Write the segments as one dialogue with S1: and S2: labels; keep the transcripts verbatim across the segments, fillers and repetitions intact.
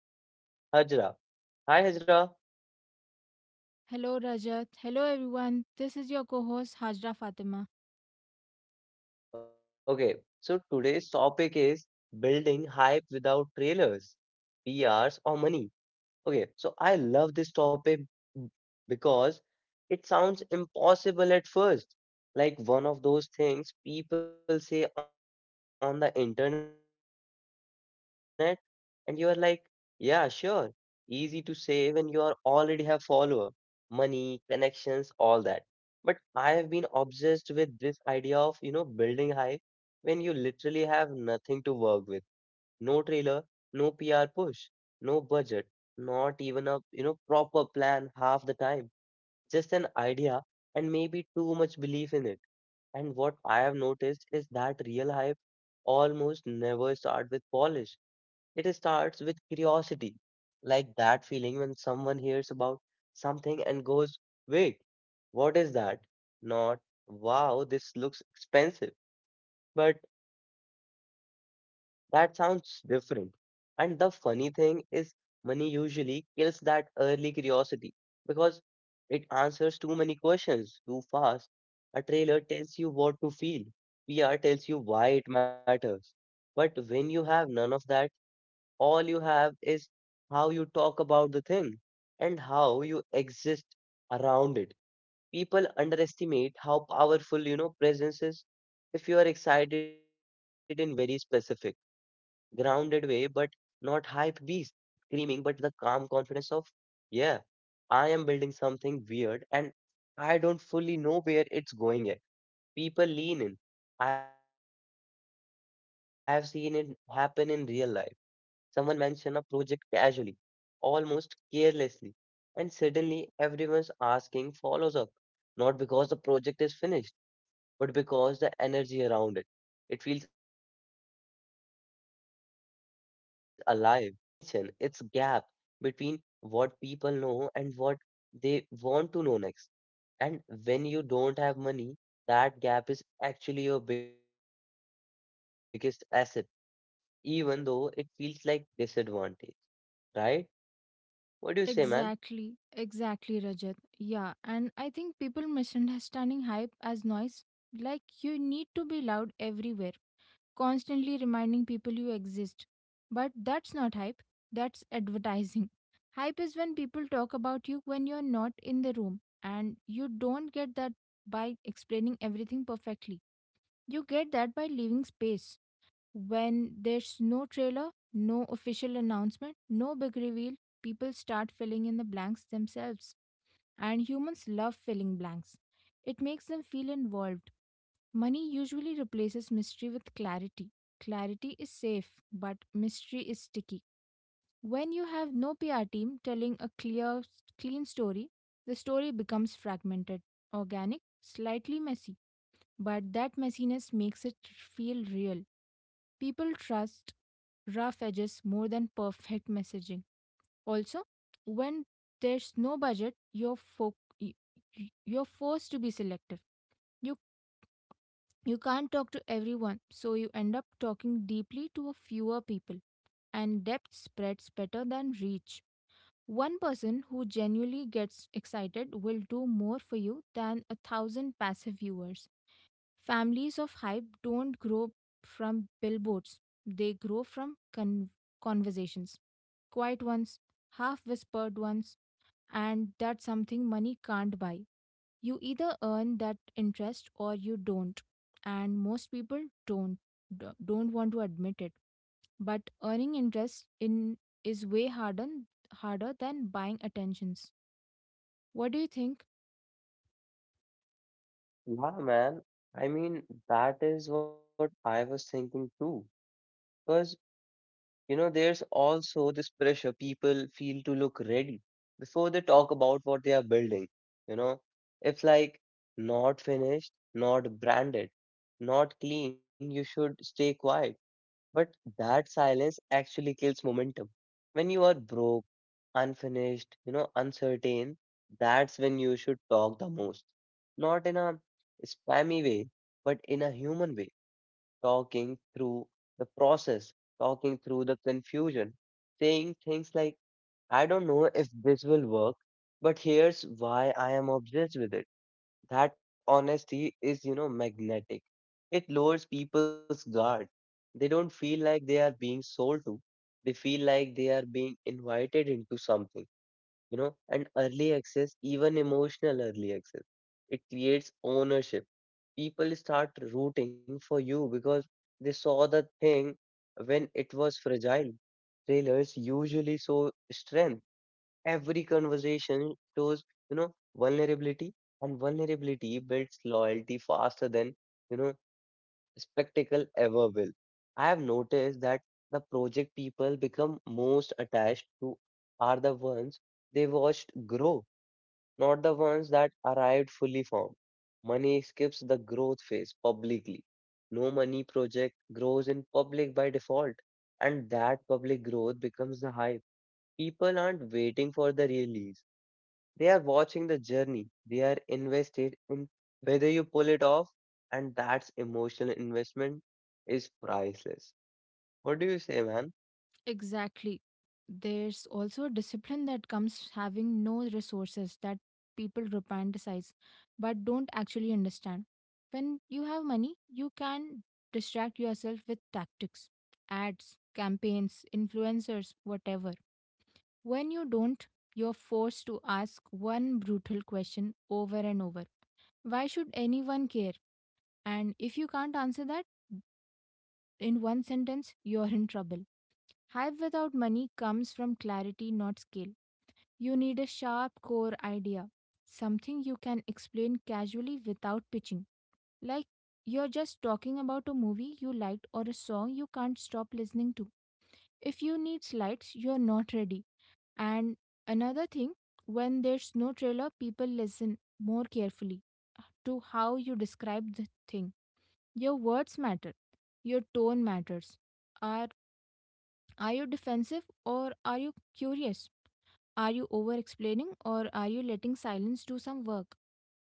S1: with our co-host Hajra. Hi Hajra.
S2: Hello, Rajat. Hello, everyone. This is your co host, Hajra Fatima.
S1: Okay, so today's topic is building hype without trailers, P Rs or money. Okay, so I love this topic b- because it sounds impossible at first, like one of those things people say on the internet, and you are like, yeah, sure, easy to say when you are already have follower, money, connections, all that. But I have been obsessed with this idea of, you know, building hype when you literally have nothing to work with. No trailer, no P R push, no budget, not even a you know proper plan half the time. Just an idea and maybe too much belief in it. And what I have noticed is that real hype almost never starts with polish. It starts with curiosity, like that feeling when someone hears about something and goes, "Wait, what is that?" Not, "Wow, this looks expensive," but that sounds different. And the funny thing is, money usually kills that early curiosity because it answers too many questions too fast. A trailer tells you what to feel, P R tells you why it matters. But when you have none of that, all you have is how you talk about the thing and how you exist around it. People underestimate how powerful, you know, presence is if you are excited in very specific grounded way, but not hype beast screaming, but the calm confidence of, yeah, I am building something weird and I don't fully know where it's going yet. People lean in. I have seen it happen in real life. Someone mention a project casually, almost carelessly, and suddenly everyone's asking follows up, not because the project is finished but because the energy around it. It feels alive. And that's the key. Hype isn't volume, it's tension, it's gap between what people know and what they want to know next. And when you don't have money, that gap is actually your biggest asset, even though it feels like disadvantage, right? What do you say, man?
S2: Exactly, exactly, Rajat. Yeah, and I think people misunderstanding hype as noise. Like, you need to be loud everywhere, constantly reminding people you exist. But that's not hype, that's advertising. Hype is when people talk about you when you're not in the room, and you don't get that by explaining everything perfectly. You get that by leaving space. When there's no trailer, no official announcement, no big reveal, people start filling in the blanks themselves. And humans love filling blanks. It makes them feel involved. Money usually replaces mystery with clarity. Clarity is safe, but mystery is sticky. When you have no P R team telling a clear, clean story, the story becomes fragmented, organic, slightly messy. But that messiness makes it feel real. People trust rough edges more than perfect messaging. Also, when there's no budget, you're fo- y- y- you're forced to be selective. You you can't talk to everyone, so you end up talking deeply to a fewer people, and depth spreads better than reach. One person who genuinely gets excited will do more for you than a thousand passive viewers. Families of hype don't grow from billboards, they grow from con- conversations. Quiet ones, half whispered ones, and that's something money can't buy. You either earn that interest or you don't. And most people don't d- don't want to admit it. But earning interest in is way harder harder than buying attentions. What do you think?
S1: Yeah, man. I mean, that is what I was thinking too. Because You know, there's also this pressure people feel to look ready before they talk about what they are building. You know, if like not finished, not branded, not clean, you should stay quiet. But that silence actually kills momentum. When you are broke, unfinished, you know, uncertain, that's when you should talk the most. Not in a spammy way, but in a human way. Talking through the process, talking through the confusion, saying things like, I don't know if this will work, but here's why I am obsessed with it. That honesty is, you know, magnetic. It lowers people's guard. They don't feel like they are being sold to. They feel like they are being invited into something, you know, and early access, even emotional early access, it creates ownership. People start rooting for you because they saw the thing when it was fragile. Trailers usually show strength. Every conversation shows, you know, vulnerability, and vulnerability builds loyalty faster than, you know, spectacle ever will. I have noticed that the project people become most attached to are the ones they watched grow, not the ones that arrived fully formed. Money skips the growth phase publicly. No money project grows in public by default, and that public growth becomes the hype. People aren't waiting for the release. They are watching the journey. They are invested in whether you pull it off, and that's emotional investment is priceless. What do you say, man?
S2: Exactly. There's also a discipline that comes having no resources that people romanticize but don't actually understand. When you have money, you can distract yourself with tactics, ads, campaigns, influencers, whatever. When you don't, you're forced to ask one brutal question over and over. Why should anyone care? And if you can't answer that in one sentence, you're in trouble. Hype without money comes from clarity, not skill. You need a sharp core idea, something you can explain casually without pitching. Like you're just talking about a movie you liked or a song you can't stop listening to. If you need slides, you're not ready. And another thing, when there's no trailer, people listen more carefully to how you describe the thing. Your words matter, your tone matters. Are, are you defensive or are you curious? Are you over explaining or are you letting silence do some work?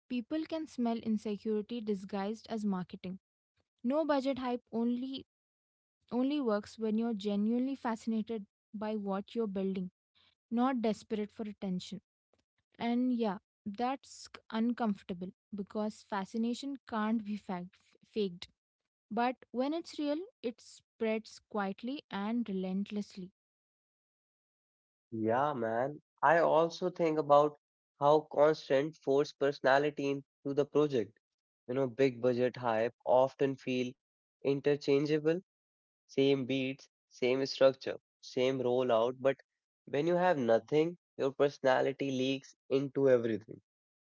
S2: People can smell insecurity disguised as marketing. No budget hype only only works when you're genuinely fascinated by what you're building, not desperate for attention. And yeah, that's c- uncomfortable because fascination can't be fag- f- faked. But when it's real, it spreads quietly and relentlessly.
S1: Yeah, man. I also think about how constant forced personality into the project. You know, big budget hype often feel interchangeable. Same beats, same structure, same rollout, but when you have nothing, your personality leaks into everything.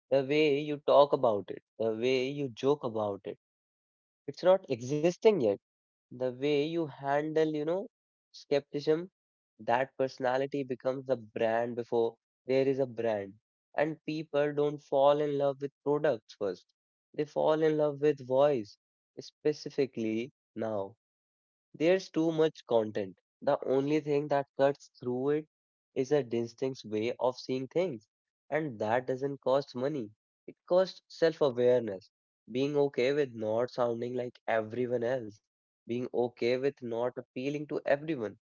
S1: The way you talk about it, the way you joke about it, it's not existing yet. The way you handle, you know, skepticism, that personality becomes a brand before there is a brand. And people don't fall in love with products first. They fall in love with voice, specifically now. There's too much content. The only thing that cuts through it is a distinct way of seeing things. And that doesn't cost money. It costs self-awareness. Being okay with not sounding like everyone else. Being okay with not appealing to everyone.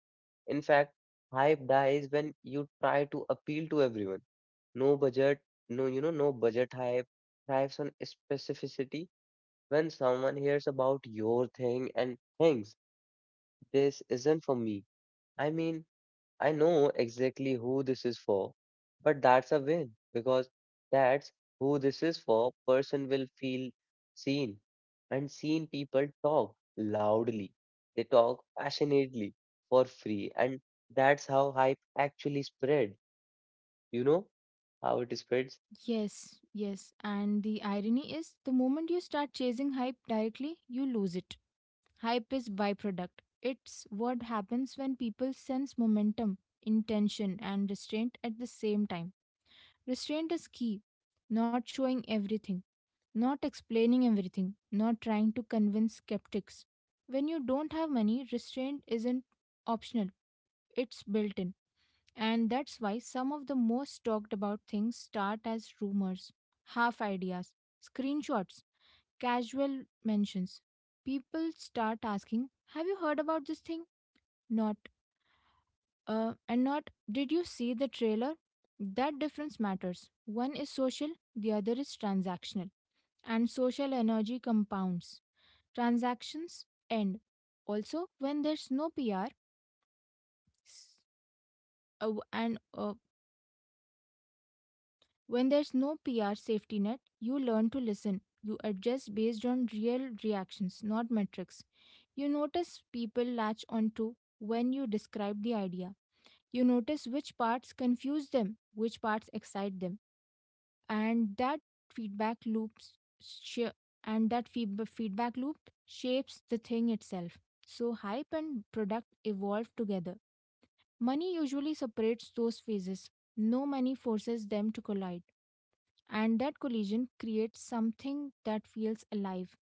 S1: In fact, hype dies when you try to appeal to everyone. No budget, no, you know, no budget hype thrives on specificity when someone hears about your thing and thinks this isn't for me. I mean, I know exactly who this is for, but that's a win because that's who this is for. Person will feel seen, and seen people talk loudly. They talk passionately for free, and that's how hype actually spread. You know how it spreads?
S2: Yes, yes. And the irony is the moment you start chasing hype directly, you lose it. Hype is byproduct. It's what happens when people sense momentum, intention, and restraint at the same time. Restraint is key. Not showing everything, not explaining everything, not trying to convince skeptics. When you don't have money, restraint isn't optional, it's built in. And that's why some of the most talked about things start as rumors, half ideas, screenshots, casual mentions. People start asking, "Have you heard about this thing?" Not, uh, and not, "Did you see the trailer?" That difference matters. One is social, the other is transactional. And social energy compounds. Transactions end. Also, when there's no P R, uh, and uh, when there's no P R safety net, you learn to listen. You adjust based on real reactions, not metrics. You notice people latch onto when you describe the idea. You notice which parts confuse them, which parts excite them. And that feedback loops sh- and that feedb- feedback loop shapes the thing itself. So hype and product evolve together. Money usually separates those phases. No money forces them to collide, and that collision creates something that feels alive,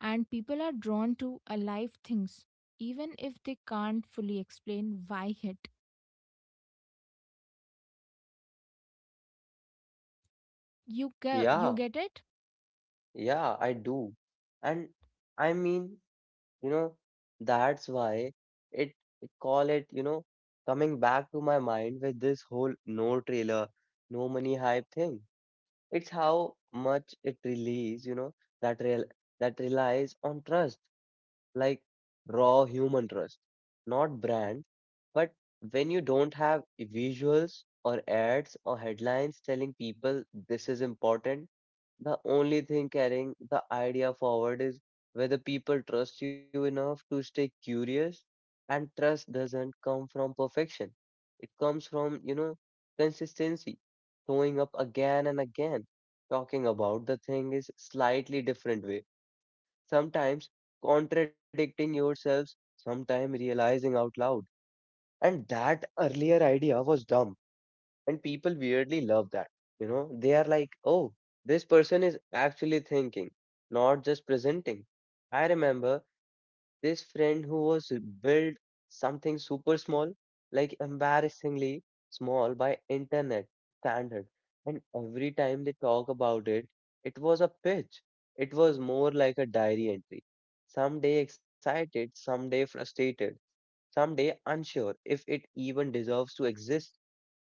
S2: and people are drawn to alive things even if they can't fully explain why. It you ge- you get
S1: Yeah.
S2: it.
S1: Yeah, I do. And I mean, you know, that's why it, it call it, you know, coming back to my mind with this whole no trailer, no money hype thing. It's how much it relies, you know, that real that relies on trust, like raw human trust, not brand. But when you don't have visuals or ads or headlines telling people this is important, the only thing carrying the idea forward is whether people trust you enough to stay curious. And trust doesn't come from perfection. It comes from, you know, consistency, showing up again and again, talking about the thing is slightly different way. Sometimes contradicting yourselves, sometimes realizing out loud. And that earlier idea was dumb and people weirdly love that. You know, they are like, oh, this person is actually thinking, not just presenting. I remember this friend who was built something super small, like embarrassingly small by internet standard, and every time they talk about it, it was a pitch, it was more like a diary entry, someday excited, someday frustrated, someday unsure if it even deserves to exist,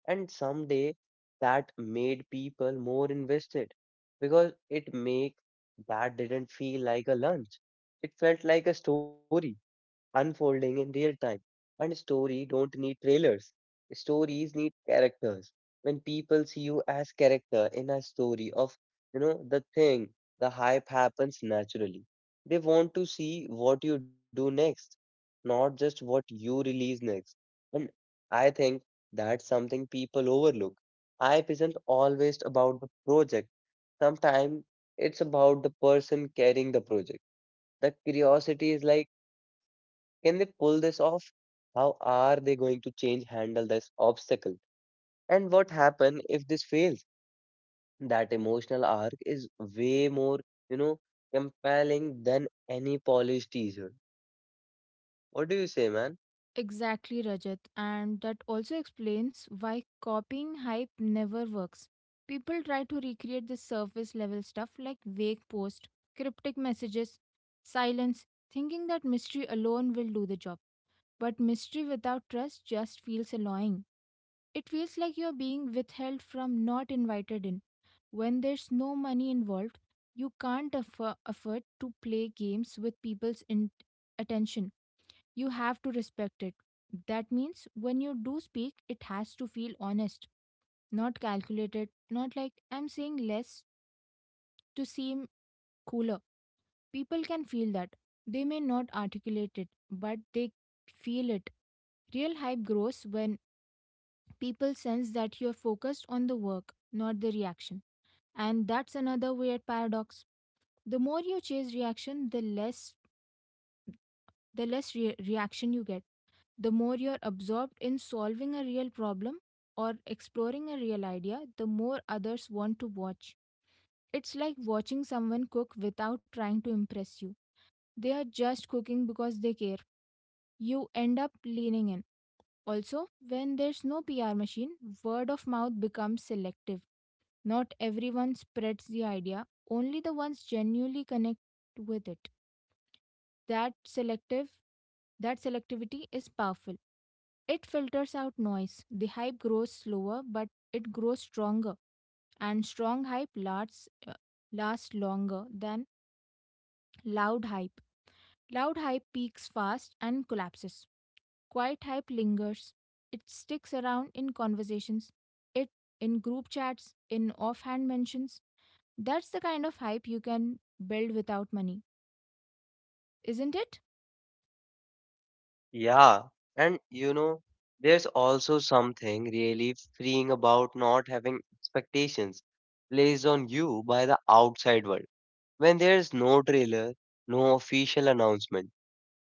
S1: and someday that made people more invested because it make that didn't feel like a lunch. It felt like a story unfolding in real time. And story don't need trailers. Stories need characters. When people see you as character in a story of, you know, the thing, the hype happens naturally. They want to see what you do next, not just what you release next. And I think that's something people overlook. Hype isn't always about the project. Sometimes it's about the person carrying the project. The curiosity is like can they pull this off? How are they going to change handle this obstacle? And what happen if this fails? That emotional arc is way more, you know, compelling than any polished teaser. What do you say, man?
S2: Exactly, Rajat. And that also explains why copying hype never works. People try to recreate the surface level stuff, like vague posts, cryptic messages, silence, thinking that mystery alone will do the job. But mystery without trust just feels annoying. It feels like you're being withheld from, not invited in. When there's no money involved, you can't affo- afford to play games with people's in- attention. You have to respect it. That means when you do speak, it has to feel honest, not calculated, not like I'm saying less to seem cooler. People can feel that. They may not articulate it, but they feel it. Real hype grows when people sense that you're focused on the work, not the reaction. And that's another weird paradox. The more you chase reaction, the less the less re- reaction you get. The more you're absorbed in solving a real problem or exploring a real idea, the more others want to watch. It's like watching someone cook without trying to impress you. They are just cooking because they care. You end up leaning in. Also, when there's no P R machine, word of mouth becomes selective. Not everyone spreads the idea, only the ones genuinely connect with it. That selective that selectivity is powerful. It filters out noise. The hype grows slower, but it grows stronger, and strong hype lasts uh, lasts longer than loud hype. Loud hype peaks fast and collapses. Quiet hype lingers. It sticks around in conversations, it in group chats, in offhand mentions. That's the kind of hype you can build without money, isn't it?
S1: Yeah, and you know, there's also something really freeing about not having expectations placed on you by the outside world. When there's no trailer, no official announcement,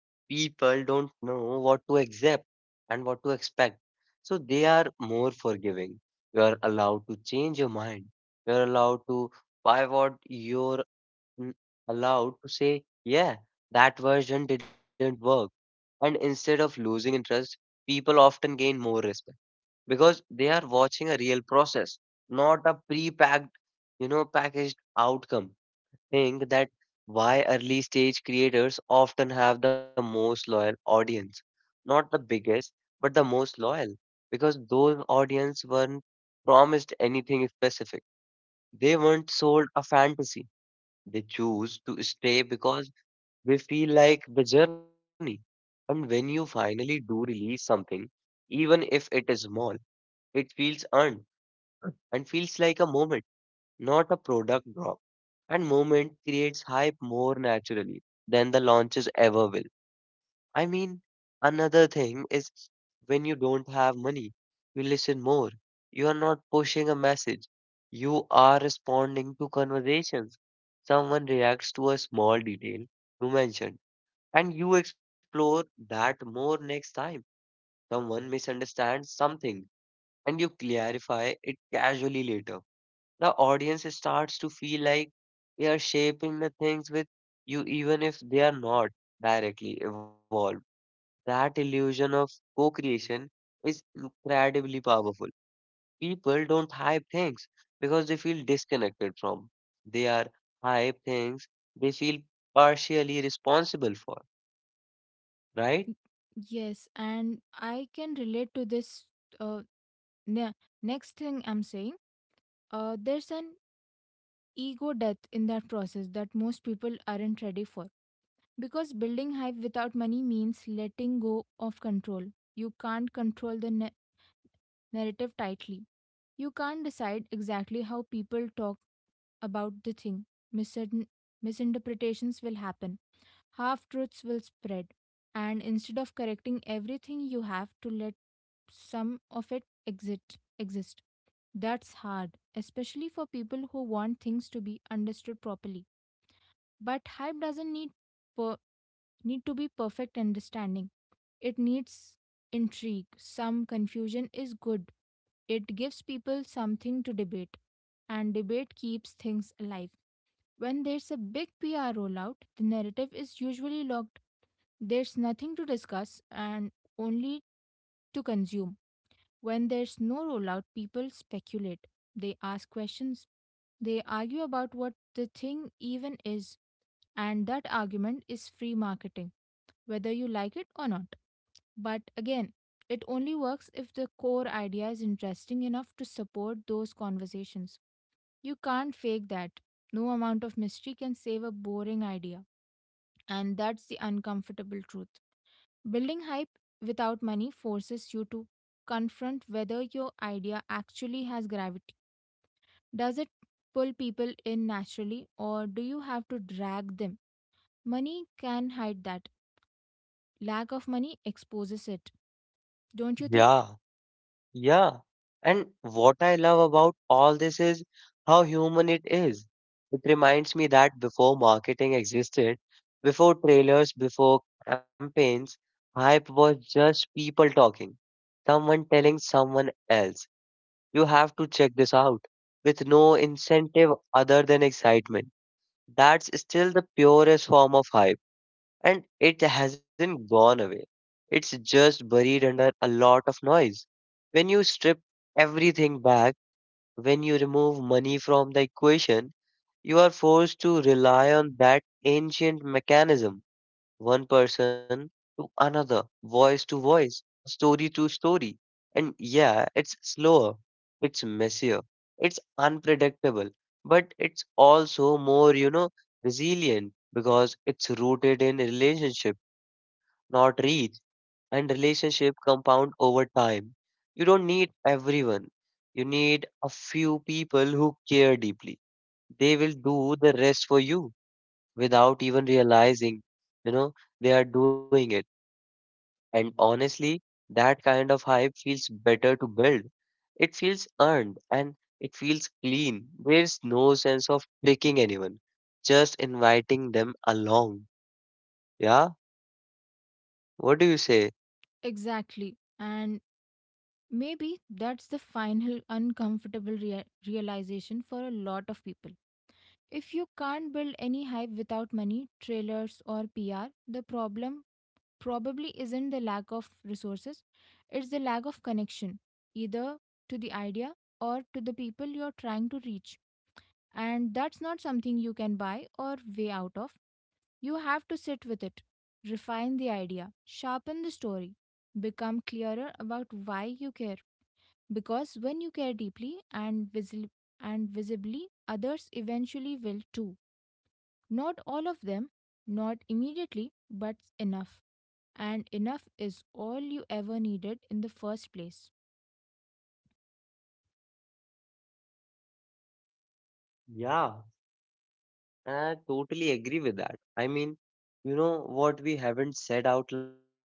S1: people don't know what to accept and what to expect. So they are more forgiving. You are allowed to change your mind. You are allowed to pivot. You're mm, allowed to say, yeah, that version didn't work. And instead of losing interest, people often gain more respect because they are watching a real process, not a pre packed, you know, packaged outcome think that why early stage creators often have the most loyal audience. Not the biggest, but the most loyal. Because those audience weren't promised anything specific. They weren't sold a fantasy. They choose to stay because they feel like the journey. And when you finally do release something, even if it is small, it feels earned and feels like a moment not a product drop. And movement creates hype more naturally than the launches ever will. I mean, another thing is when you don't have money, you listen more. You are not pushing a message, you are responding to conversations. Someone reacts to a small detail you mentioned, and you explore that more next time. Someone misunderstands something, and you clarify it casually later the audience starts to feel like we are shaping the things with you, even if they are not directly involved. That illusion of co creation is incredibly powerful. People don't hype things because they feel disconnected from. They are hype things they feel partially responsible for, right?
S2: Y- Yes, and I can relate to this uh, ne- next thing I'm saying. Uh, there's an ego death in that process that most people aren't ready for. Because building hype without money means letting go of control. You can't control the na- narrative tightly. You can't decide exactly how people talk about the thing. Misin- Misinterpretations will happen, half truths will spread. And instead of correcting everything, you have to let some of it exit, exist. That's hard, especially for people who want things to be understood properly. But hype doesn't need per- need to be perfect understanding. It needs intrigue. Some confusion is good. It gives people something to debate, and debate keeps things alive. When there's a big P R rollout, the narrative is usually locked, there's nothing to discuss and only to consume. When there's no rollout, people speculate. They ask questions. They argue about what the thing even is. And that argument is free marketing, whether you like it or not. But again, it only works if the core idea is interesting enough to support those conversations. You can't fake that. No amount of mystery can save a boring idea. And that's the uncomfortable truth. Building hype without money forces you to confront whether your idea actually has gravity. Does it pull people in naturally, or do you have to drag them? Money can hide that. Lack of money exposes it, don't you think?
S1: Yeah. Yeah, and what I love about all this is how human it is. It reminds me that before marketing existed, before trailers, before campaigns, hype was just people talking, someone telling someone else, you have to check this out, with no incentive other than excitement. That's still the purest form of hype and it hasn't gone away. It's just buried under a lot of noise. When you strip everything back, when you remove money from the equation, you are forced to rely on that ancient mechanism one person to another, voice to voice, story to story. And yeah, it's slower, it's messier, it's unpredictable, but it's also more, you know, resilient because it's rooted in relationship not reach, and relationship compound over time. You don't need everyone. You need a few people who care deeply. They will do the rest for you without even realizing, you know, they are doing it. And honestly, that kind of hype feels better to build. It feels earned and it feels clean. There's no sense of tricking anyone, just inviting them along. Yeah? What do you say?
S2: Exactly. And maybe that's the final uncomfortable rea- realization for a lot of people. If you can't build any hype without money, trailers, or P R, the problem probably isn't the lack of resources, it's the lack of connection, either to the idea or to the people you're trying to reach. And that's not something you can buy or way out of. You have to sit with it, refine the idea, sharpen the story, become clearer about why you care. Because when you care deeply and, visi- and visibly, others eventually will too. Not all of them, not immediately, but enough, and enough is all you ever needed in the first place.
S1: Yeah, and I totally agree with that. I mean, you know what we haven't said out loud yet,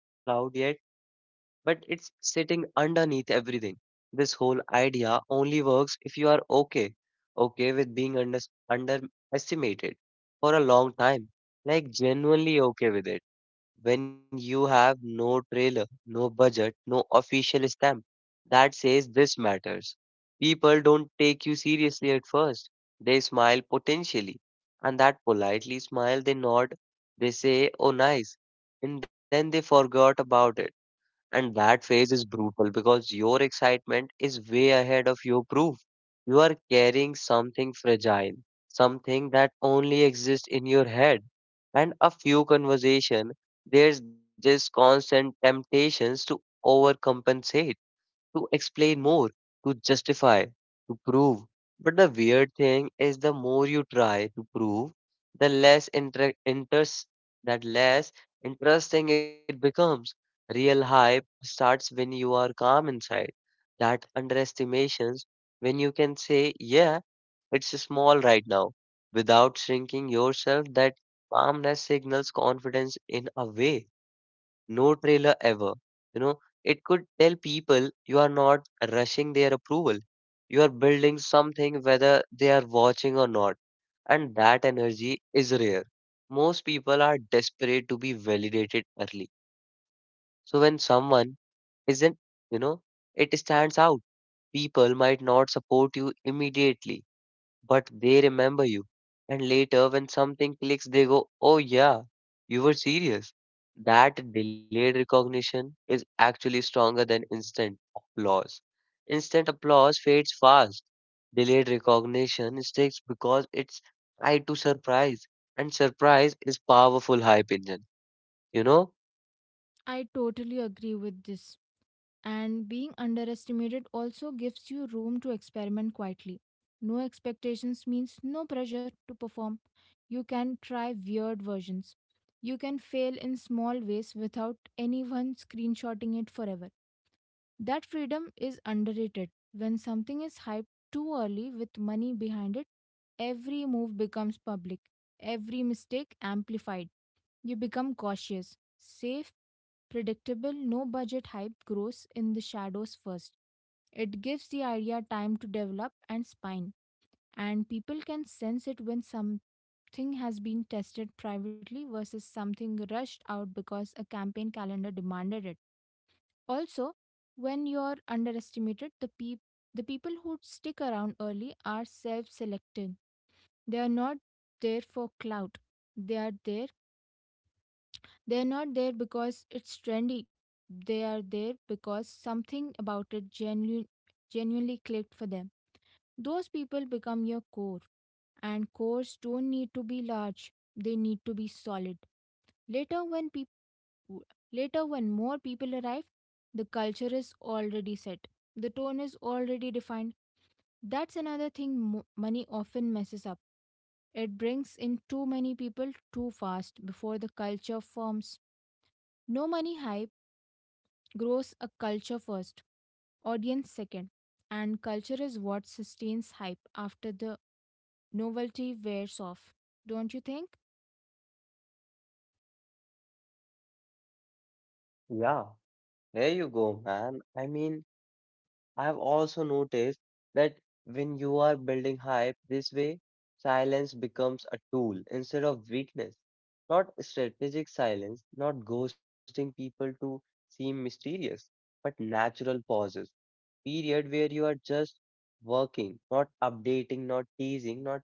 S1: but it's sitting underneath everything. This whole idea only works if you are okay, okay with being under underestimated for a long time, like genuinely okay with it when you have no trailer, no budget, no official stamp that says this matters. People don't take you seriously at first. They smile potentially, and that politely smile they nod, they say, oh, nice, and then they forgot about it. And that phase is brutal because your excitement is way ahead of your proof. You are carrying something fragile, something that only exists in your head. And a few conversation, there's this constant temptations to overcompensate to explain more, to justify, to prove. But the weird thing is the more you try to prove, the less inter- interest that less interesting it becomes. Real hype starts when you are calm inside. That underestimations when you can say, yeah, it's small right now. Without shrinking yourself, that calmness signals confidence in a way no trailer ever. You know, it could tell people you are not rushing their approval. You are building something whether they are watching or not. And that energy is rare. Most people are desperate to be validated early. So when someone isn't, you know, it stands out. People might not support you immediately but they remember you. And later, when something clicks, they go, oh, yeah, you were serious. That delayed recognition is actually stronger than instant applause. Instant applause fades fast. Delayed recognition sticks because it's tied to surprise, and surprise is powerful hype engine. You know?
S2: I totally agree with this. And being underestimated also gives you room to experiment quietly. No expectations means no pressure to perform. You can try weird versions. You can fail in small ways without anyone screenshotting it forever. That freedom is underrated. When something is hyped too early with money behind it, every move becomes public, every mistake amplified. You become cautious, safe, predictable. No budget hype grows in the shadows first. It gives the idea time to develop and spine, and people can sense it when something has been tested privately versus something rushed out because a campaign calendar demanded it. Also, when you're underestimated, the peop- the people who stick around early are self-selected. They are not there for clout. They are there. They are not there because it's trendy. They are there because something about it genuine, genuinely clicked for them. Those people become your core, and cores don't need to be large. They need to be solid. Later, when people w- Later, when more people arrive, the culture is already set, the tone is already defined. That's another thing mo- money often messes up. It brings in too many people too fast before the culture forms. No money hype grows a culture first, audience second, and culture is what sustains hype after the novelty wears off. Don't you think?
S1: Yeah, there you go, man. I mean, I have also noticed that when you are building hype this way, silence becomes a tool instead of weakness. Not strategic silence, not ghosting people to seem mysterious, but natural pauses. Period where you are just working, not updating, not teasing, not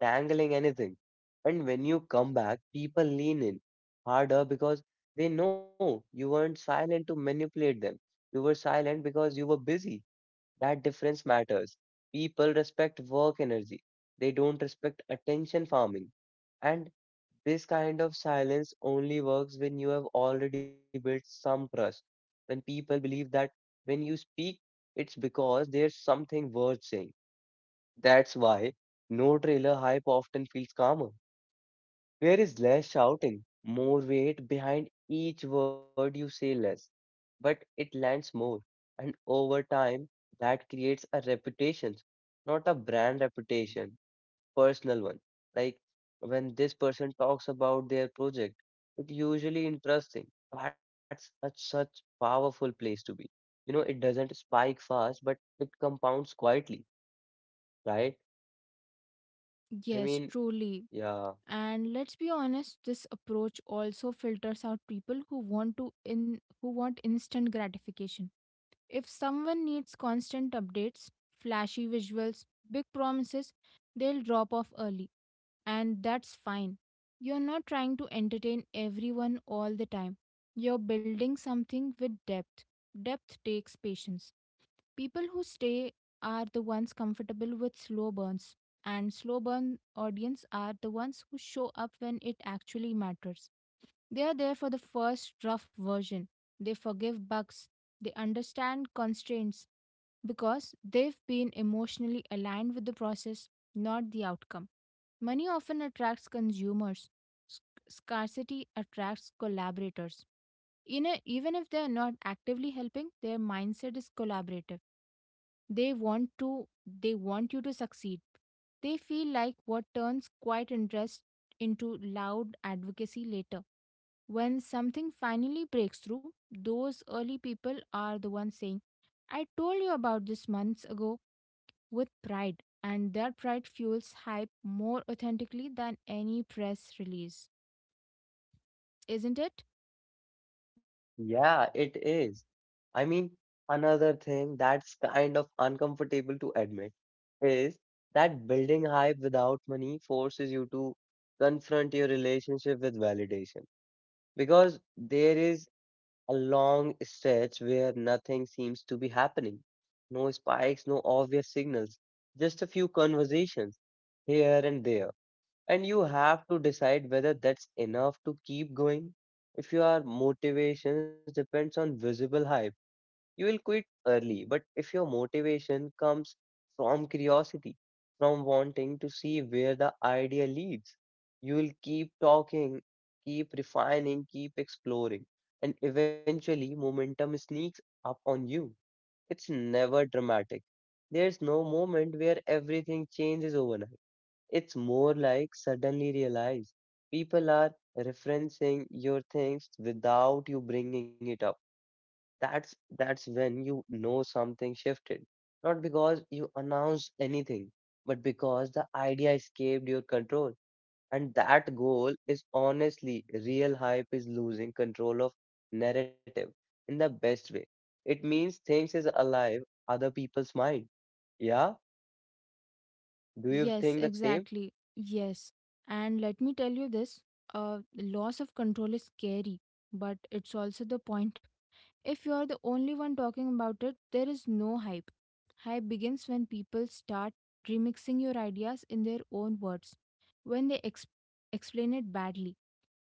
S1: tangling anything. And when you come back, people lean in harder because they know you weren't silent to manipulate them. You were silent because you were busy that difference matters. People respect work energy. They don't respect attention farming. And this kind of silence only works when you have already built some trust. When people believe that when you speak, it's because there's something worth saying. That's why no trailer hype often feels calmer. There is less shouting, more weight behind each word you say less, but it lands more. And over time, that creates a reputation, not a brand reputation, personal one. Like when this person talks about their project, it usually interesting. That's a such powerful place to be. You know, it doesn't spike fast, but it compounds quietly, right? I
S2: Yes,
S1: mean,
S2: truly.
S1: yeah.
S2: And let's be honest, this approach also filters out people who want to in who want instant gratification. If someone needs constant updates, flashy visuals, big promises, they'll drop off early, and that's fine. You're not trying to entertain everyone all the time. You're building something with depth. Depth takes patience. People who stay are the ones comfortable with slow burns, and slow burn audience are the ones who show up when it actually matters. They are there for the first rough version. They forgive bugs. They understand constraints because they've been emotionally aligned with the process, not the outcome. Money often attracts consumers. Sc- Scarcity attracts collaborators. In a, even if they are not actively helping, their mindset is collaborative. They want to they want you to succeed. They feel like what turns quiet interest into loud advocacy later. When something finally breaks through, those early people are the ones saying, "I told you about this months ago," with pride, and their pride fuels hype more authentically than any press release. Isn't it?
S1: Yeah, it is. I mean, another thing that's kind of uncomfortable to admit is that building hype without money forces you to confront your relationship with validation because there is a long stretch where nothing seems to be happening. No spikes, no obvious signals, just a few conversations here and there and you have to decide whether that's enough to keep going. If your motivations depends on visible hype, you will quit early. But if your motivation comes from curiosity, from wanting to see where the idea leads, you will keep talking, keep refining, keep exploring. And eventually momentum sneaks up on you. It's never dramatic. There's no moment where everything changes overnight it's more like suddenly realize people are referencing your things without you bringing it up. That's that's when you know something shifted. Not because you announced anything, but because the idea escaped your control. And that goal is honestly real hype is losing control of narrative in the best way. It means things is alive, other people's mind. Yeah, do you
S2: Yes,
S1: think the same?
S2: exactly. Yes. And let me tell you this, uh, loss of control is scary, but it's also the point. If you're the only one talking about it, there is no hype. Hype begins when people start remixing your ideas in their own words, when they ex- explain it badly,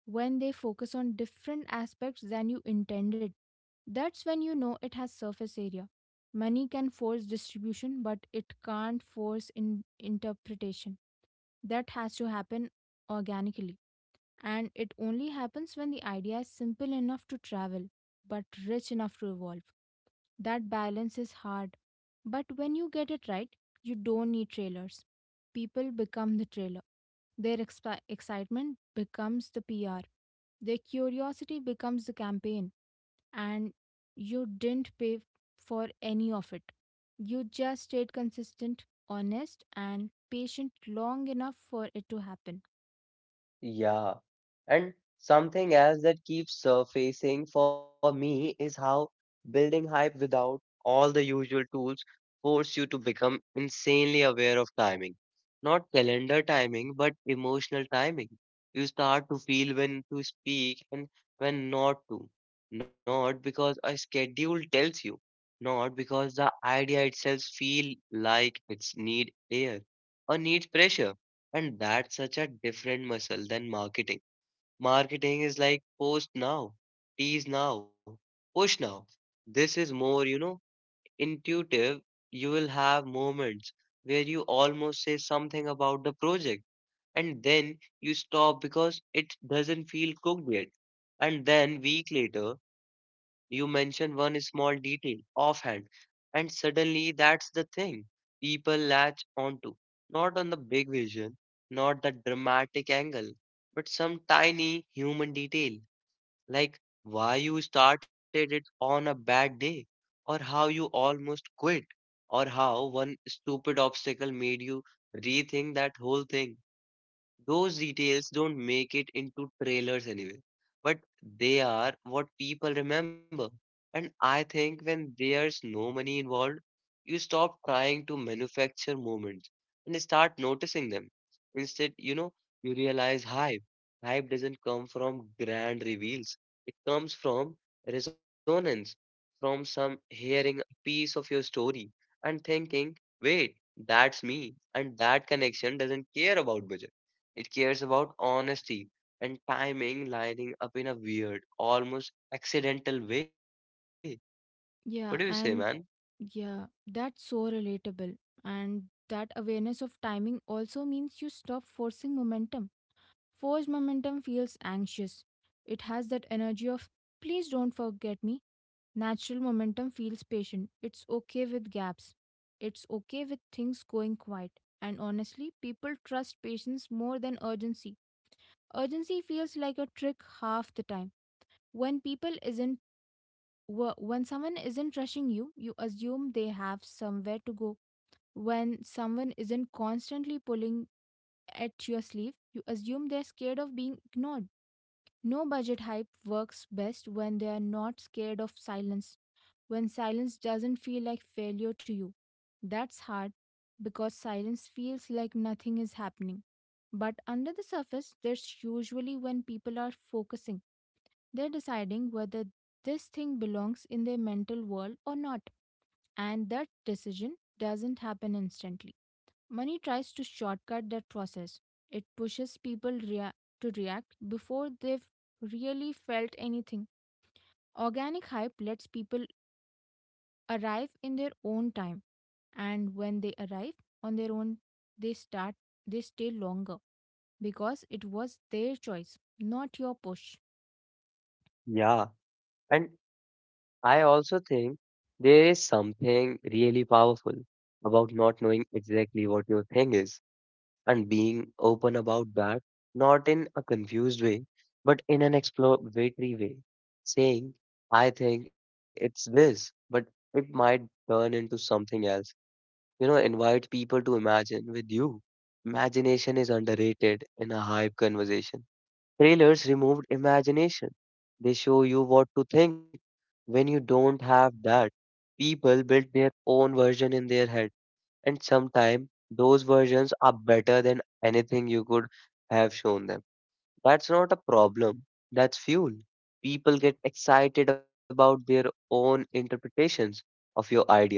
S2: when they focus on different aspects than you intended. That's when you know it has surface area. Money can force distribution, but it can't force in- interpretation. That has to happen organically. And it only happens when the idea is simple enough to travel, but rich enough to evolve. That balance is hard. But when you get it right, you don't need trailers. People become the trailer. Their expi- excitement becomes the P R. Their curiosity becomes the campaign. And you didn't pay f- for any of it. You just stayed consistent, honest, and patient long enough for it to happen.
S1: Yeah. And something else that keeps surfacing for me is how building hype without all the usual tools force you to become insanely aware of timing. Not calendar timing, but emotional timing. You start to feel when to speak and when not to. Not because a schedule tells you, not because the idea itself feel like it's need air or needs pressure and that's such a different muscle than marketing. Marketing is like post now, tease now, push now. This is more, you know, intuitive. You will have moments where you almost say something about the project and then you stop because it doesn't feel cooked yet. And then week later, you mention one small detail offhand and suddenly that's the thing people latch onto. Not on the big vision, not the dramatic angle, but some tiny human detail, like why you started it on a bad day, or how you almost quit, or how one stupid obstacle made you rethink that whole thing. Those details don't make it into trailers anyway, but they are what people remember. And I think when there's no money involved, you stop trying to manufacture moments and start noticing them. Instead, you know, you realize hype. Hype doesn't come from grand reveals, it comes from resonance, from some hearing a piece of your story and thinking, wait, that's me. And that connection doesn't care about budget it cares about honesty and timing lining up in a weird, almost accidental way. What do you say,
S2: Yeah,
S1: man?
S2: and Yeah, that's so relatable. And that awareness of timing also means you stop forcing momentum. Forced momentum feels anxious. It has that energy of, "please don't forget me." Natural momentum feels patient. It's okay with gaps. It's okay with things going quiet. And honestly, people trust patience more than urgency. Urgency feels like a trick half the time. When people isn't, wh- when someone isn't rushing you, you assume they have somewhere to go. When someone isn't constantly pulling at your sleeve, you assume they're scared of being ignored. No budget hype works best when they are not scared of silence, when silence doesn't feel like failure to you. That's hard because silence feels like nothing is happening. But under the surface, there's usually when people are focusing. They're deciding whether this thing belongs in their mental world or not. And that decision doesn't happen instantly. Money tries to shortcut that process. It pushes people rea- to react before they've really felt anything. Organic hype lets people arrive in their own time, and when they arrive on their own, they start they stay longer because it was their choice, not your push.
S1: Yeah, and I also think there is something really powerful about not knowing exactly what your thing is and being open about that, not in a confused way, but in an exploratory way. Saying, I think it's this, but it might turn into something else. You know invite people to imagine with you imagination is underrated in a hype conversation trailers removed imagination they show you what to think when you don't have that people build their own version in their head and sometimes those versions are better than anything you could have shown them that's not a problem that's fuel people get excited about their own interpretations of your ideas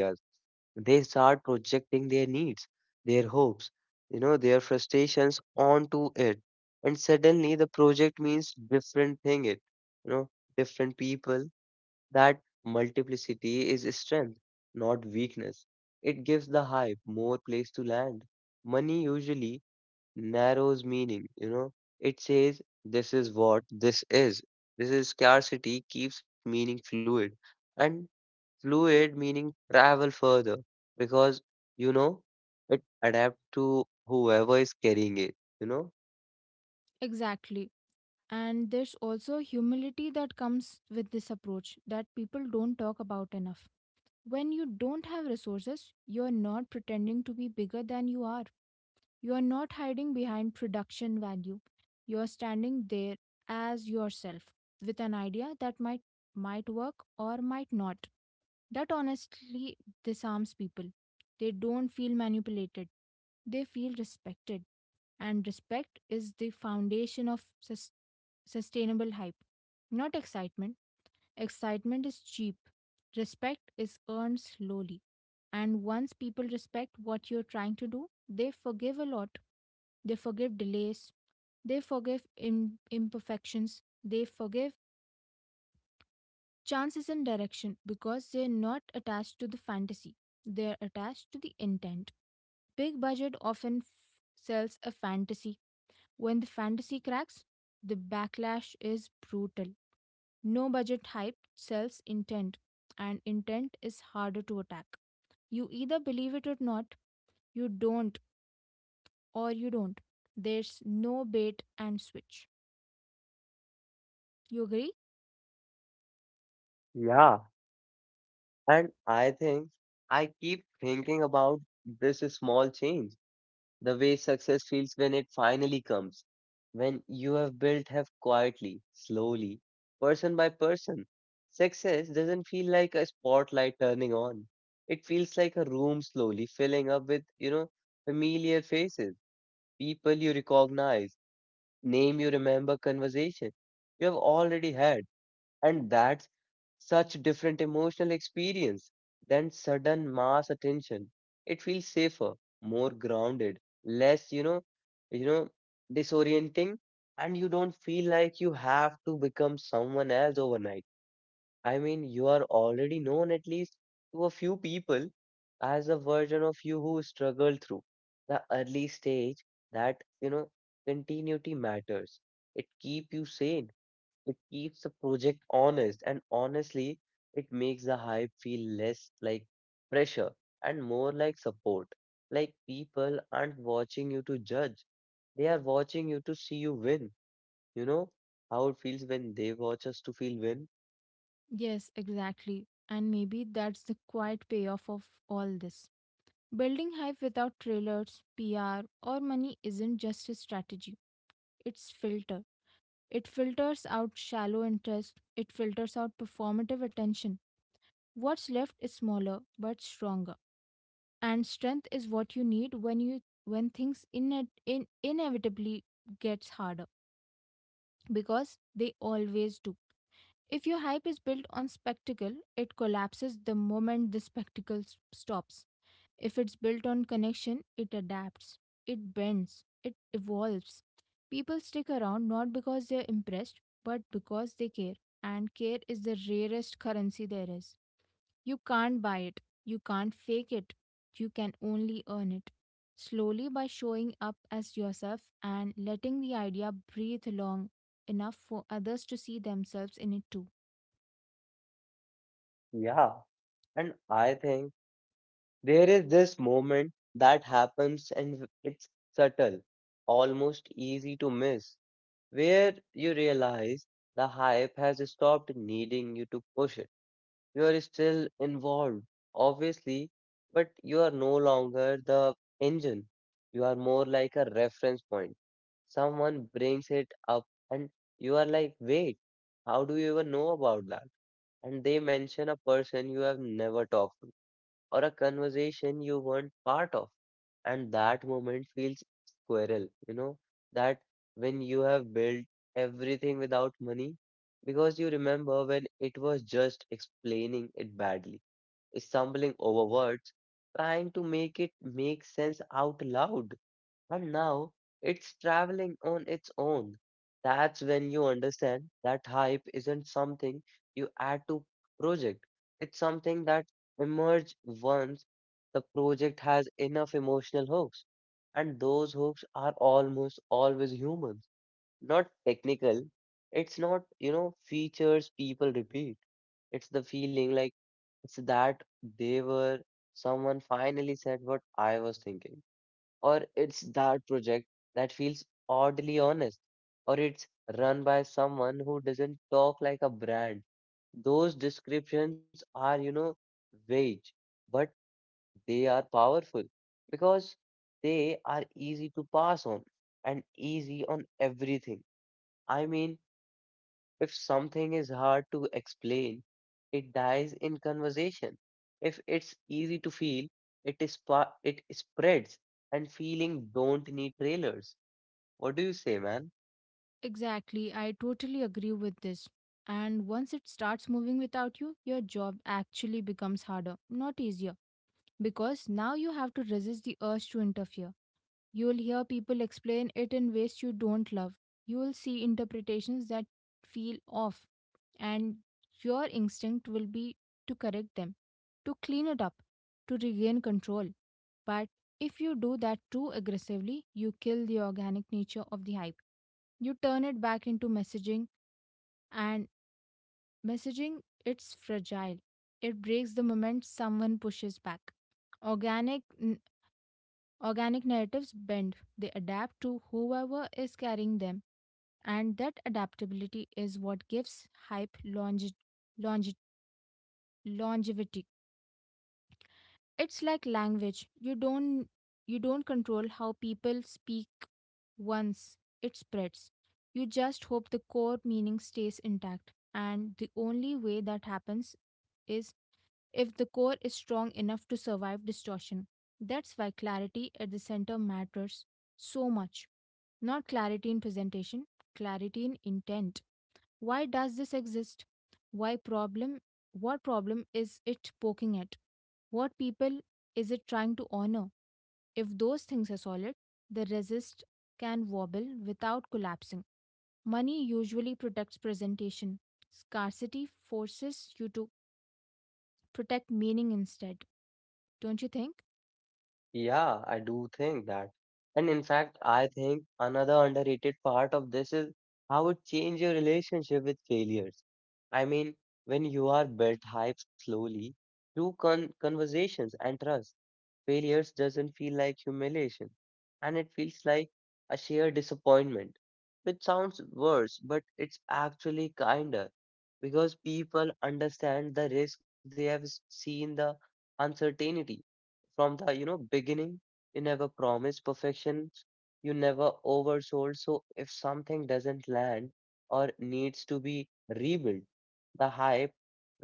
S1: they start projecting their needs, their hopes, you know, their frustrations onto it. And suddenly the project means different thing it, you know, different people. That multiplicity is strength, not weakness. It gives the hype more place to land. Money usually narrows meaning, you know. It says this is what this is. This is scarcity keeps meaning fluid. And fluid meaning travel further because you know it adapt to whoever is carrying it, you know?
S2: Exactly. And there's also humility that comes with this approach that people don't talk about enough. When you don't have resources, you're not pretending to be bigger than you are. You're not hiding behind production value. You're standing there as yourself with an idea that might might work or might not. That honestly disarms people. They don't feel manipulated. They feel respected. And respect is the foundation of sus- sustainable hype. Not excitement. Excitement is cheap, respect is earned slowly. And once people respect what you're trying to do, they forgive a lot. They forgive delays, they forgive Im- imperfections, they forgive chances in direction because they're not attached to the fantasy, they're attached to the intent. Big budget often f- sells a fantasy. When the fantasy cracks, the backlash is brutal. No budget hype sells intent, and intent is harder to attack. You either believe it or not, you don't, or you don't. There's no bait and switch. You agree?
S1: Yeah. And I think I keep thinking about this small change, the way success feels when it finally comes, when you have built have quietly, slowly, person by person. Success doesn't feel like a spotlight turning on. It feels like a room slowly filling up with, you know, familiar faces people you recognize, name you remember, conversation you have already had. And that's such different emotional experience than sudden mass attention. It feels safer, more grounded, less, you know, you know, disorienting, and you don't feel like you have to become someone else overnight. I mean, you are already known at least to a few people as a version of you who struggled through the early stage that, you know, continuity matters. It keeps you sane. It keeps the project honest. And honestly, it makes the hype feel less like pressure and more like support. Like people aren't watching you to judge. They are watching you to see you win. You know how it feels when they watch us to feel win?
S2: Yes, exactly. And maybe that's the quiet payoff of all this. Building hype without trailers, P R, or money isn't just a strategy, it's filter. It filters out shallow interest, it filters out performative attention. What's left is smaller but stronger. And strength is what you need when you when things in, in inevitably gets harder, because they always do. If your hype is built on spectacle, it collapses the moment the spectacle s- stops. If it's built on connection, it adapts, it bends, it evolves. People stick around not because they're impressed, but because they care. And care is the rarest currency there is. You can't buy it. You can't fake it. You can only earn it, slowly, by showing up as yourself and letting the idea breathe long enough for others to see themselves in it too.
S1: Yeah. And I think there is this moment that happens and it's subtle, almost easy to miss, where you realize the hype has stopped needing you to push it. You are still involved, obviously, but you are no longer the engine. You are more like a reference point. Someone brings it up and you are like, wait, how do you even know about that? And they mention a person you have never talked to or a conversation you weren't part of. And that moment feels squirrel, you know, that when you have built everything without money, because you remember when it was just explaining it badly, stumbling over words, trying to make it make sense out loud. And now it's traveling on its own. That's when you understand that hype isn't something you add to project. It's something that emerge once the project has enough emotional hooks. And those hooks are almost always human, not technical. It's not, you know, features people repeat. It's the feeling like it's that they were someone finally said what I was thinking, or it's that project that feels oddly honest, or it's run by someone who doesn't talk like a brand. Those descriptions are, you know, vague, but they are powerful because they are easy to pass on and easy on everything. I mean, if something is hard to explain, it dies in conversation. If it's easy to feel, it is pa- it spreads. And feeling don't need trailers. What do you say, man?
S2: Exactly, I totally agree with this. And once it starts moving without you, your job actually becomes harder, not easier, because now you have to resist the urge to interfere. You'll hear people explain it in ways you don't love. You'll see interpretations that feel off, and your instinct will be to correct them, to clean it up, to regain control. But if you do that too aggressively, you kill the organic nature of the hype. You turn it back into messaging, and messaging, it's fragile. It breaks the moment someone pushes back. Organic Organic narratives bend, they adapt to whoever is carrying them, and that adaptability is what gives hype longe- longe- longevity. It's like language. You don't you don't control how people speak once it spreads. You just hope the core meaning stays intact, and the only way that happens is if the core is strong enough to survive distortion. That's why clarity at the center matters so much. Not clarity in presentation, clarity in intent. Why does this exist? Why problem? What problem is it poking at? What people is it trying to honor? If those things are solid, the resist can wobble without collapsing. Money usually protects presentation. Scarcity forces you to protect meaning instead, don't you think?
S1: Yeah, I do think that. And in fact, I think another underrated part of this is how it changes your relationship with failures. I mean, when you are built hype slowly through con- conversations and trust, failures doesn't feel like humiliation, and it feels like a sheer disappointment, which sounds worse, but it's actually kinder because people understand the risk. They have s- seen the uncertainty from the you know beginning. You never promised perfection, you never oversold, so if something doesn't land or needs to be rebuilt, the hype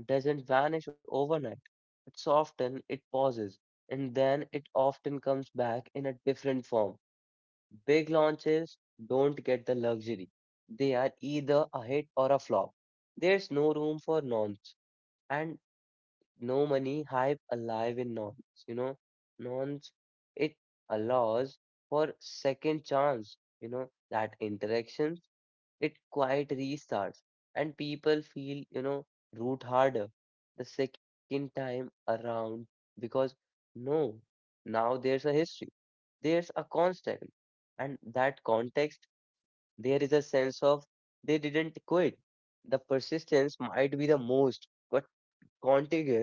S1: doesn't vanish overnight. It's often it pauses, and then it often comes back in a different form. Big launches don't get the luxury. They are either a hit or a flop. There's no room for nonce, and no money hype alive in nonce. You know, nonce, it allows for second chance, you know, that interaction it quite restarts, and people feel, you know, root harder the second time around because no now there's a history, there's a context, and that context, there is a sense of, they didn't quit. The persistence might be the most but contiguous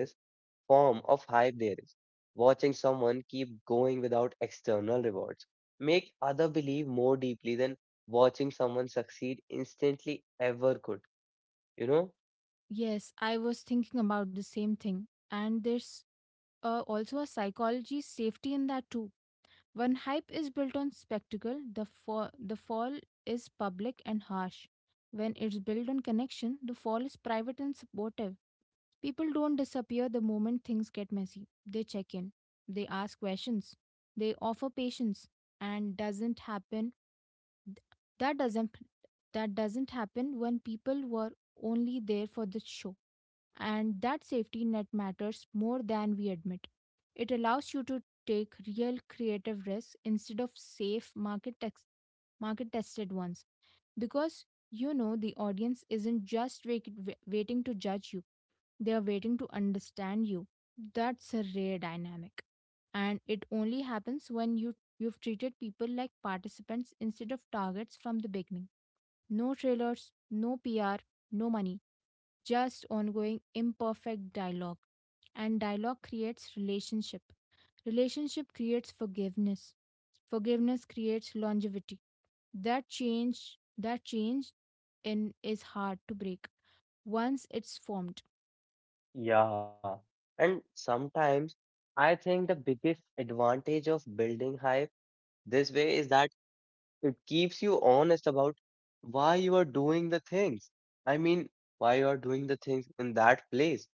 S1: form of hype there is. Watching someone keep going without external rewards make other believe more deeply than watching someone succeed instantly ever could, you know?
S2: Yes, I was thinking about the same thing. And there's uh, also a psychology safety in that too. When hype is built on spectacle, the fall, the fall is public and harsh. When it's built on connection, the fall is private and supportive. People don't disappear the moment things get messy. They check in, they ask questions, they offer patience, and doesn't happen That doesn't that doesn't happen when people were only there for the show. And that safety net matters more than we admit. It allows you to take real creative risks instead of safe market tex- market tested ones, because you know the audience isn't just wait- wa- waiting to judge you, they are waiting to understand you. That's a rare dynamic, and it only happens when you you've treated people like participants instead of targets from the beginning. No trailers, no P R, no money, just ongoing imperfect dialogue. And dialogue creates relationship. Relationship creates forgiveness. Forgiveness creates longevity. That change, that change in is hard to break once it's formed.
S1: Yeah. And sometimes I think the biggest advantage of building hype this way is that it keeps you honest about why you are doing the things. I mean, why you are doing the things in that place.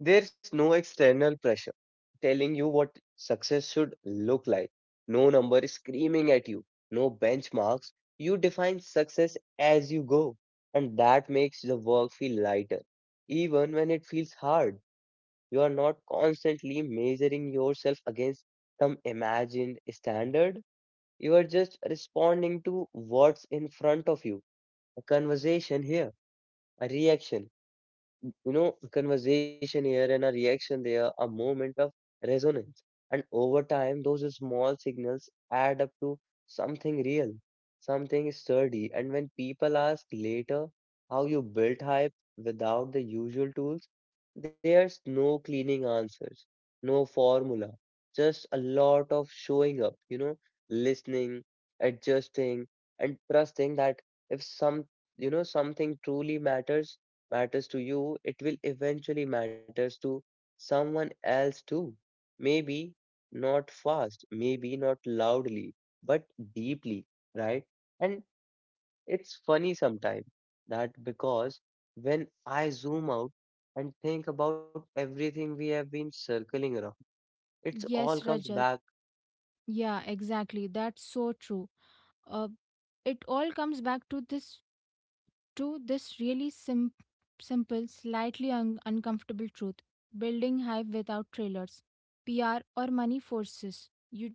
S1: There's no external pressure telling you what success should look like. No number is screaming at you. No benchmarks. You define success as you go. And that makes the work feel lighter. Even when it feels hard, you are not constantly measuring yourself against some imagined standard. You are just responding to what's in front of you. A conversation here, a reaction, you know, conversation here and a reaction there, a moment of resonance. And over time, those small signals add up to something real, something sturdy. And when people ask later how you built hype without the usual tools, there's no cleaning answers, no formula, just a lot of showing up, you know, listening, adjusting, and trusting that if some, you know, something truly matters matters to you, it will eventually matters to someone else too. Maybe not fast, maybe not loudly, but deeply, right? And it's funny sometimes that because when I zoom out and think about everything we have been circling around, it's all
S2: Yes,
S1: comes
S2: Rajat.
S1: back.
S2: Yeah, exactly. That's so true. Uh, it all comes back to this, to this really sim- simple, slightly un- uncomfortable truth: building hype without trailers, P R, or money forces you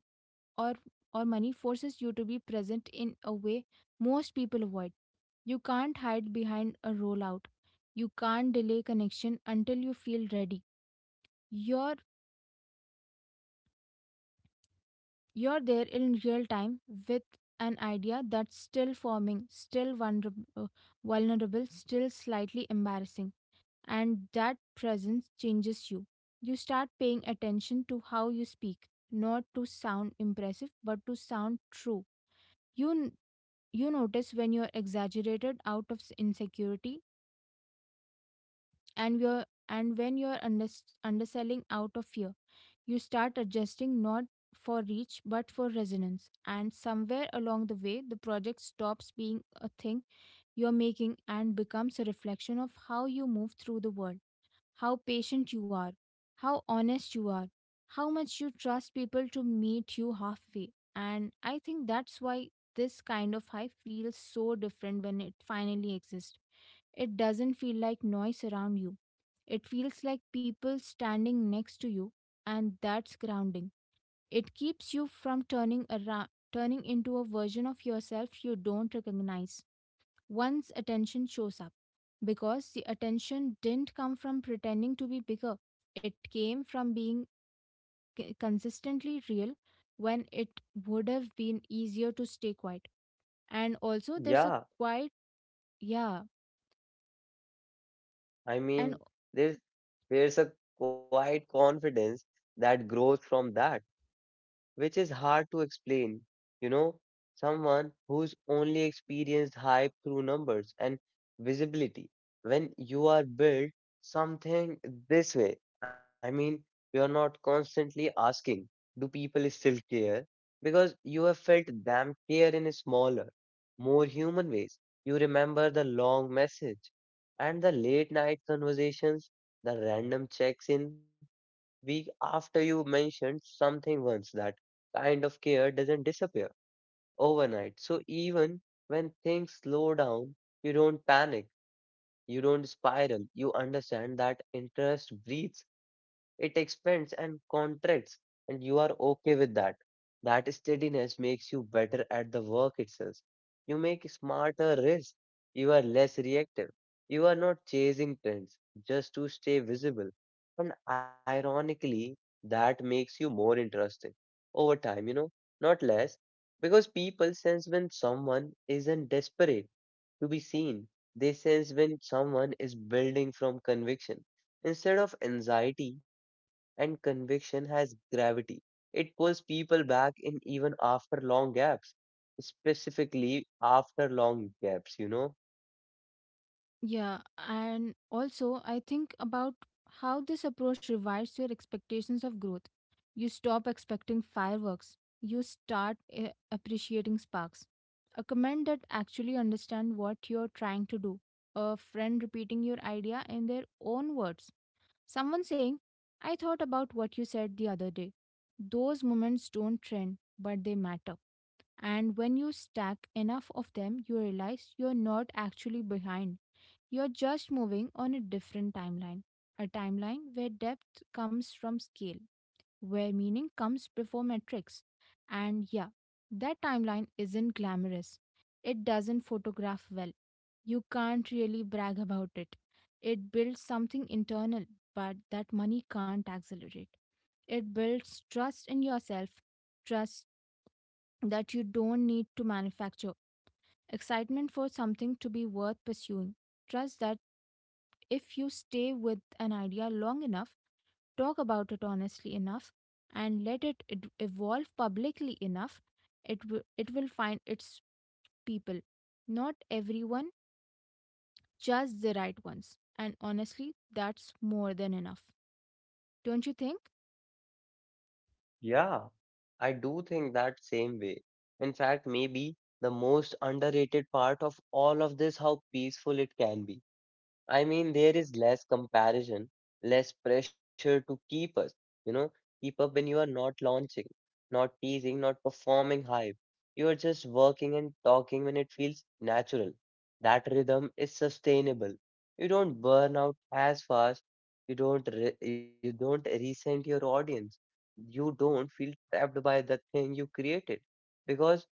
S2: or or money forces you to be present in a way most people avoid. You can't hide behind a rollout. You can't delay connection until you feel ready. You're you're there in real time with an idea that's still forming, still vulnerable, vulnerable, still slightly embarrassing. And that presence changes you. You start paying attention to how you speak, not to sound impressive, but to sound true. You n- you notice when you're exaggerated out of s- insecurity and you're and when you're unders- underselling out of fear. You start adjusting not for reach but for resonance. And somewhere along the way, the project stops being a thing you're making and becomes a reflection of how you move through the world. How patient you are, how honest you are, how much you trust people to meet you halfway. And I think that's why this kind of hype feels so different when it finally exists. It doesn't feel like noise around you, it feels like people standing next to you, and that's grounding. It keeps you from turning around. Turning into a version of yourself you don't recognize. One's attention shows up, because the attention didn't come from pretending to be bigger, it came from being c- consistently real when it would have been easier to stay quiet. And also, there's a
S1: Yeah,
S2: quiet, yeah,
S1: I
S2: and
S1: mean, there's there's a quiet confidence that grows from that, which is hard to explain. You know, someone who's only experienced hype through numbers and visibility. When you are built something this way, I mean, you're not constantly asking, do people still care? Because you have felt them care in smaller, more human ways. You remember the long message and the late night conversations, the random checks in Week after you mentioned something once. That kind of care doesn't disappear overnight, so even when things slow down, you don't panic, you don't spiral. You understand that interest breathes, it expands and contracts, and you are okay with that. That steadiness makes you better at the work itself. You make smarter risks. You are less reactive. You are not chasing trends just to stay visible. And ironically, that makes you more interesting over time, you know, not less, because people sense when someone isn't desperate to be seen. They sense when someone is building from conviction. Instead of anxiety, and conviction has gravity. It pulls people back in even after long gaps, specifically after long gaps, you know?
S2: Yeah, and also I think about how this approach revives your expectations of growth. You stop expecting fireworks, you start eh, appreciating sparks. A comment that actually understand what you're trying to do, a friend repeating your idea in their own words, someone saying, "I thought about what you said the other day." Those moments don't trend, but they matter. And when you stack enough of them, you realize you're not actually behind you're just moving on a different timeline, a timeline where depth comes from scale, where meaning comes before metrics. And yeah, that timeline isn't glamorous. It doesn't photograph well. You can't really brag about it. It builds something internal, but that money can't accelerate. It builds trust in yourself, trust that you don't need to manufacture, excitement for something to be worth pursuing, trust that if you stay with an idea long enough, talk about it honestly enough, and let it ed- evolve publicly enough, it, w- it will find its people. Not everyone, just the right ones. And honestly, that's more than enough. Don't you think?
S1: Yeah, I do think that same way. In fact, maybe the most underrated part of all of this how peaceful it can be. I mean, there is less comparison, less pressure to keep us, you know, keep up when you are not launching, not teasing, not performing hype. You are just working and talking when it feels natural. That rhythm is sustainable. You don't burn out as fast. You don't re- you don't resent your audience. You don't feel trapped by the thing you created because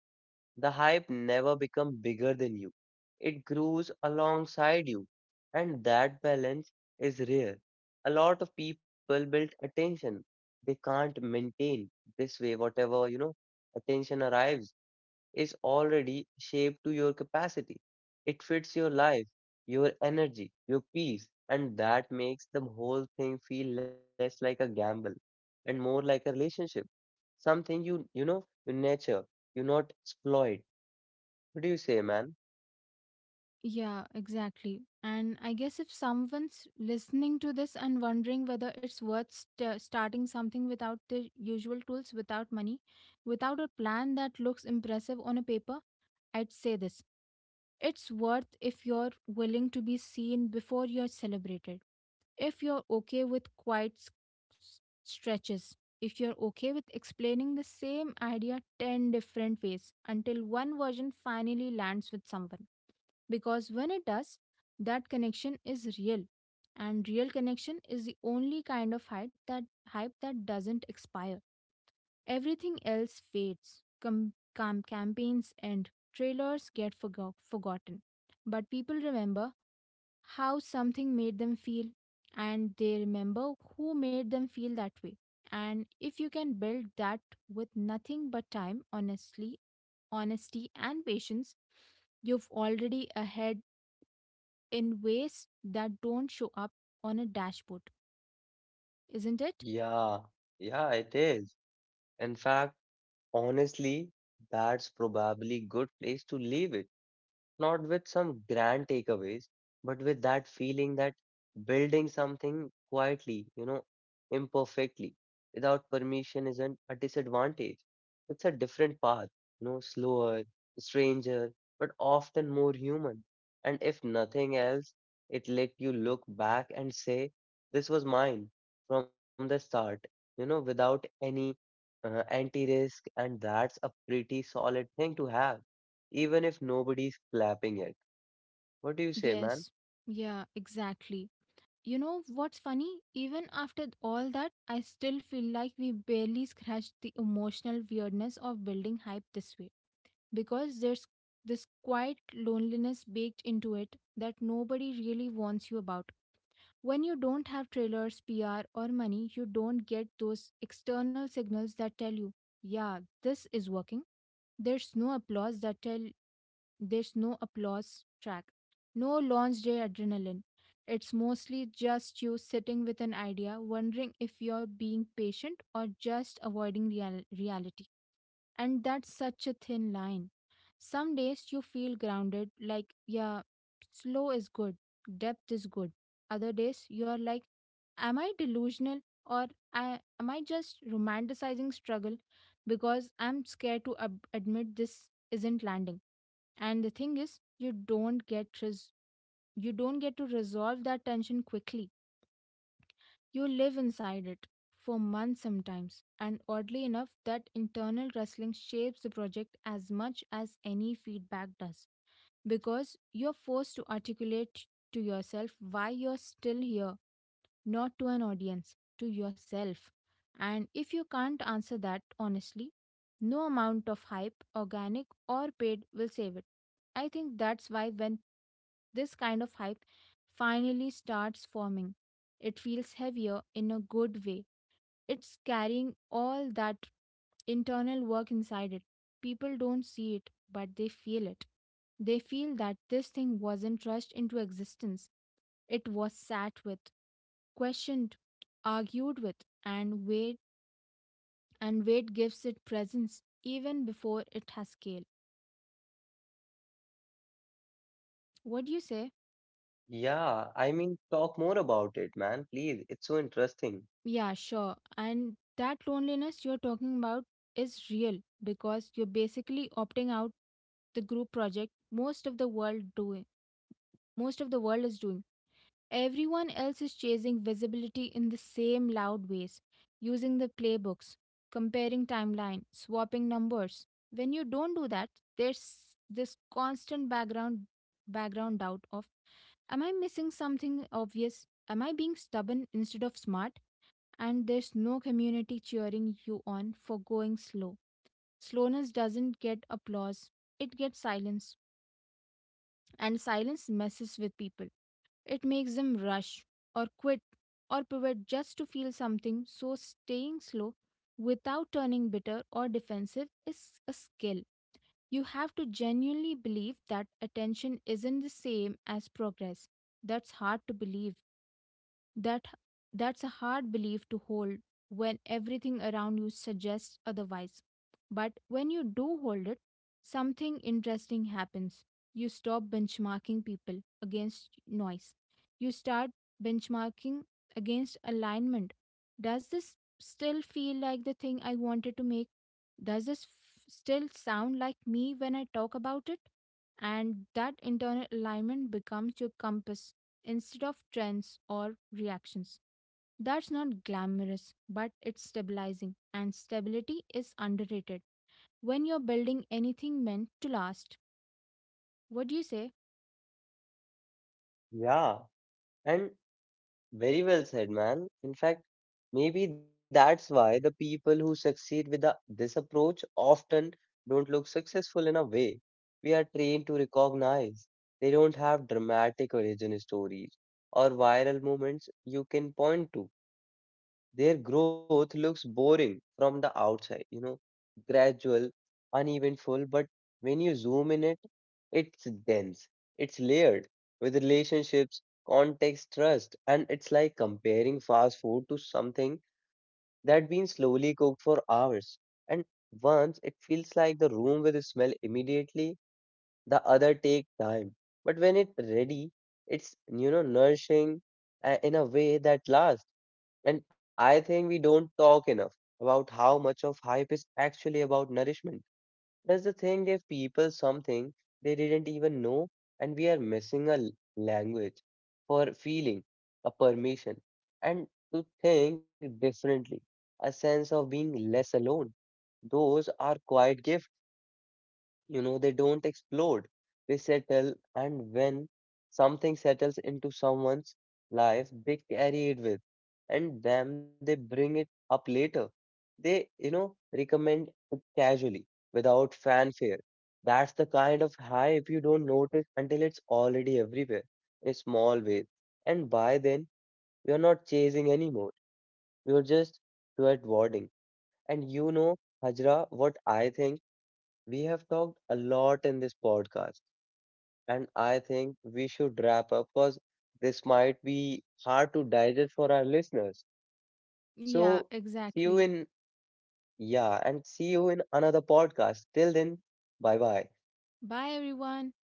S1: the hype never become bigger than you. It grows alongside you. And that balance is rare. A lot of people build attention. They can't maintain this way. Whatever, you know, attention arrives is already shaped to your capacity. It fits your life, your energy, your peace. And that makes the whole thing feel less like a gamble and more like a relationship. Something you, you know, you nurture you not exploit. What do you say, man?
S2: Yeah, exactly. And I guess if someone's listening to this and wondering whether it's worth st- starting something without the usual tools, without money, without a plan that looks impressive on a paper, I'd say this. It's worth if you're willing to be seen before you're celebrated. If you're okay with quiet s- s- stretches. If you're okay with explaining the same idea ten different ways until one version finally lands with someone. Because when it does, that connection is real. And real connection is the only kind of hype that hype that doesn't expire. Everything else fades. Com- cam- campaigns end, trailers get forgo- forgotten. But people remember how something made them feel, and they remember who made them feel that way. And if you can build that with nothing but time, honestly, honesty, and patience, you've already ahead in ways that don't show up on a dashboard, isn't it?
S1: Yeah, yeah, it is. In fact, honestly, that's probably good place to leave it. Not with some grand takeaways, but with that feeling that building something quietly, you know, imperfectly, without permission isn't a disadvantage. It's a different path, you know, slower, stranger, but often more human. And if nothing else, it let you look back and say, this was mine from the start, you know, without any uh, anti-risk, and that's a pretty solid thing to have even if nobody's clapping it. What do you say, man?
S2: Yes. Yeah, exactly. You know what's funny? Even after all that, I still feel like we barely scratched the emotional weirdness of building hype this way because there's this quiet loneliness baked into it that nobody really warns you about. When you don't have trailers, P R, or money, you don't get those external signals that tell you, yeah, this is working. There's no applause that tell there's no applause track, no launch day adrenaline. It's mostly just you sitting with an idea, wondering if you're being patient or just avoiding real- reality. And that's such a thin line. Some days you feel grounded, like, yeah, slow is good, depth is good. Other days you're like, am I delusional or I, am I just romanticizing struggle because I'm scared to ab- admit this isn't landing? And the thing is, you don't get res- you don't get to resolve that tension quickly. You live inside it for months sometimes. And oddly enough, that internal wrestling shapes the project as much as any feedback does because you're forced to articulate to yourself why you're still here, not to an audience, to yourself. And if you can't answer that honestly, no amount of hype, organic or paid, will save it. I think that's why when this kind of hype finally starts forming. It feels heavier in a good way. It's carrying all that internal work inside it. People don't see it, but they feel it. They feel that this thing wasn't rushed into existence. It was sat with, questioned, argued with, and weighed, and weight gives it presence even before it has scale. What do you say?
S1: Yeah, I mean, talk more about it, man, please. It's so interesting.
S2: Yeah, sure. And that loneliness you're talking about is real because you're basically opting out the group project most of the world doing most of the world is doing everyone else is chasing visibility in the same loud ways using the playbooks comparing timeline swapping numbers when you don't do that there's this constant background background doubt of am I missing something obvious am I being stubborn instead of smart and there's no community cheering you on for going slow. Slowness doesn't get applause, it gets silence, and silence messes with people. It makes them rush or quit or pivot just to feel something, so staying slow without turning bitter or defensive is a skill. You have to genuinely believe that attention isn't the same as progress. That's hard to believe That that's a hard belief to hold when everything around you suggests otherwise. But when you do hold it, something interesting happens. You stop benchmarking people against noise. You start benchmarking against alignment. Does this still feel like the thing I wanted to make? Does this f- still sound like me when I talk about it? And that internal alignment becomes your compass instead of trends or reactions. That's not glamorous, but it's stabilizing, and stability is underrated when you're building anything meant to last. What do you say?
S1: Yeah, and very well said, man. In fact, maybe that's why the people who succeed with the this approach often don't look successful in a way we are trained to recognize. They don't have dramatic origin stories or viral moments you can point to. Their growth looks boring from the outside, you know, gradual, uneventful, but when you zoom in it, it's dense, it's layered with relationships, context, trust, and it's like comparing fast food to something that been slowly cooked for hours. And once it feels like the room will smell immediately, the other take time. But when it's ready, it's, you know, nourishing, uh, in a way that lasts. And I think we don't talk enough about how much of hype is actually about nourishment. Does the thing give people something they didn't even know? And we are missing a l- language for feeling, a permission, and to think differently, a sense of being less alone. Those are quiet gifts, you know, they don't explode, they settle, and when something settles into someone's life, they carry it with, and then they bring it up later. They, you know, recommend it casually without fanfare. That's the kind of hype you don't notice until it's already everywhere in small ways. And by then, you're not chasing anymore. You're just stewarding. And you know, Hajra, what I think? We have talked a lot in this podcast, and I think we should wrap up because this might be hard to digest for our listeners. So,
S2: Yeah,
S1: see you in,
S2: exactly.
S1: yeah, and see you in another podcast. Till then, bye bye.
S2: Bye, everyone.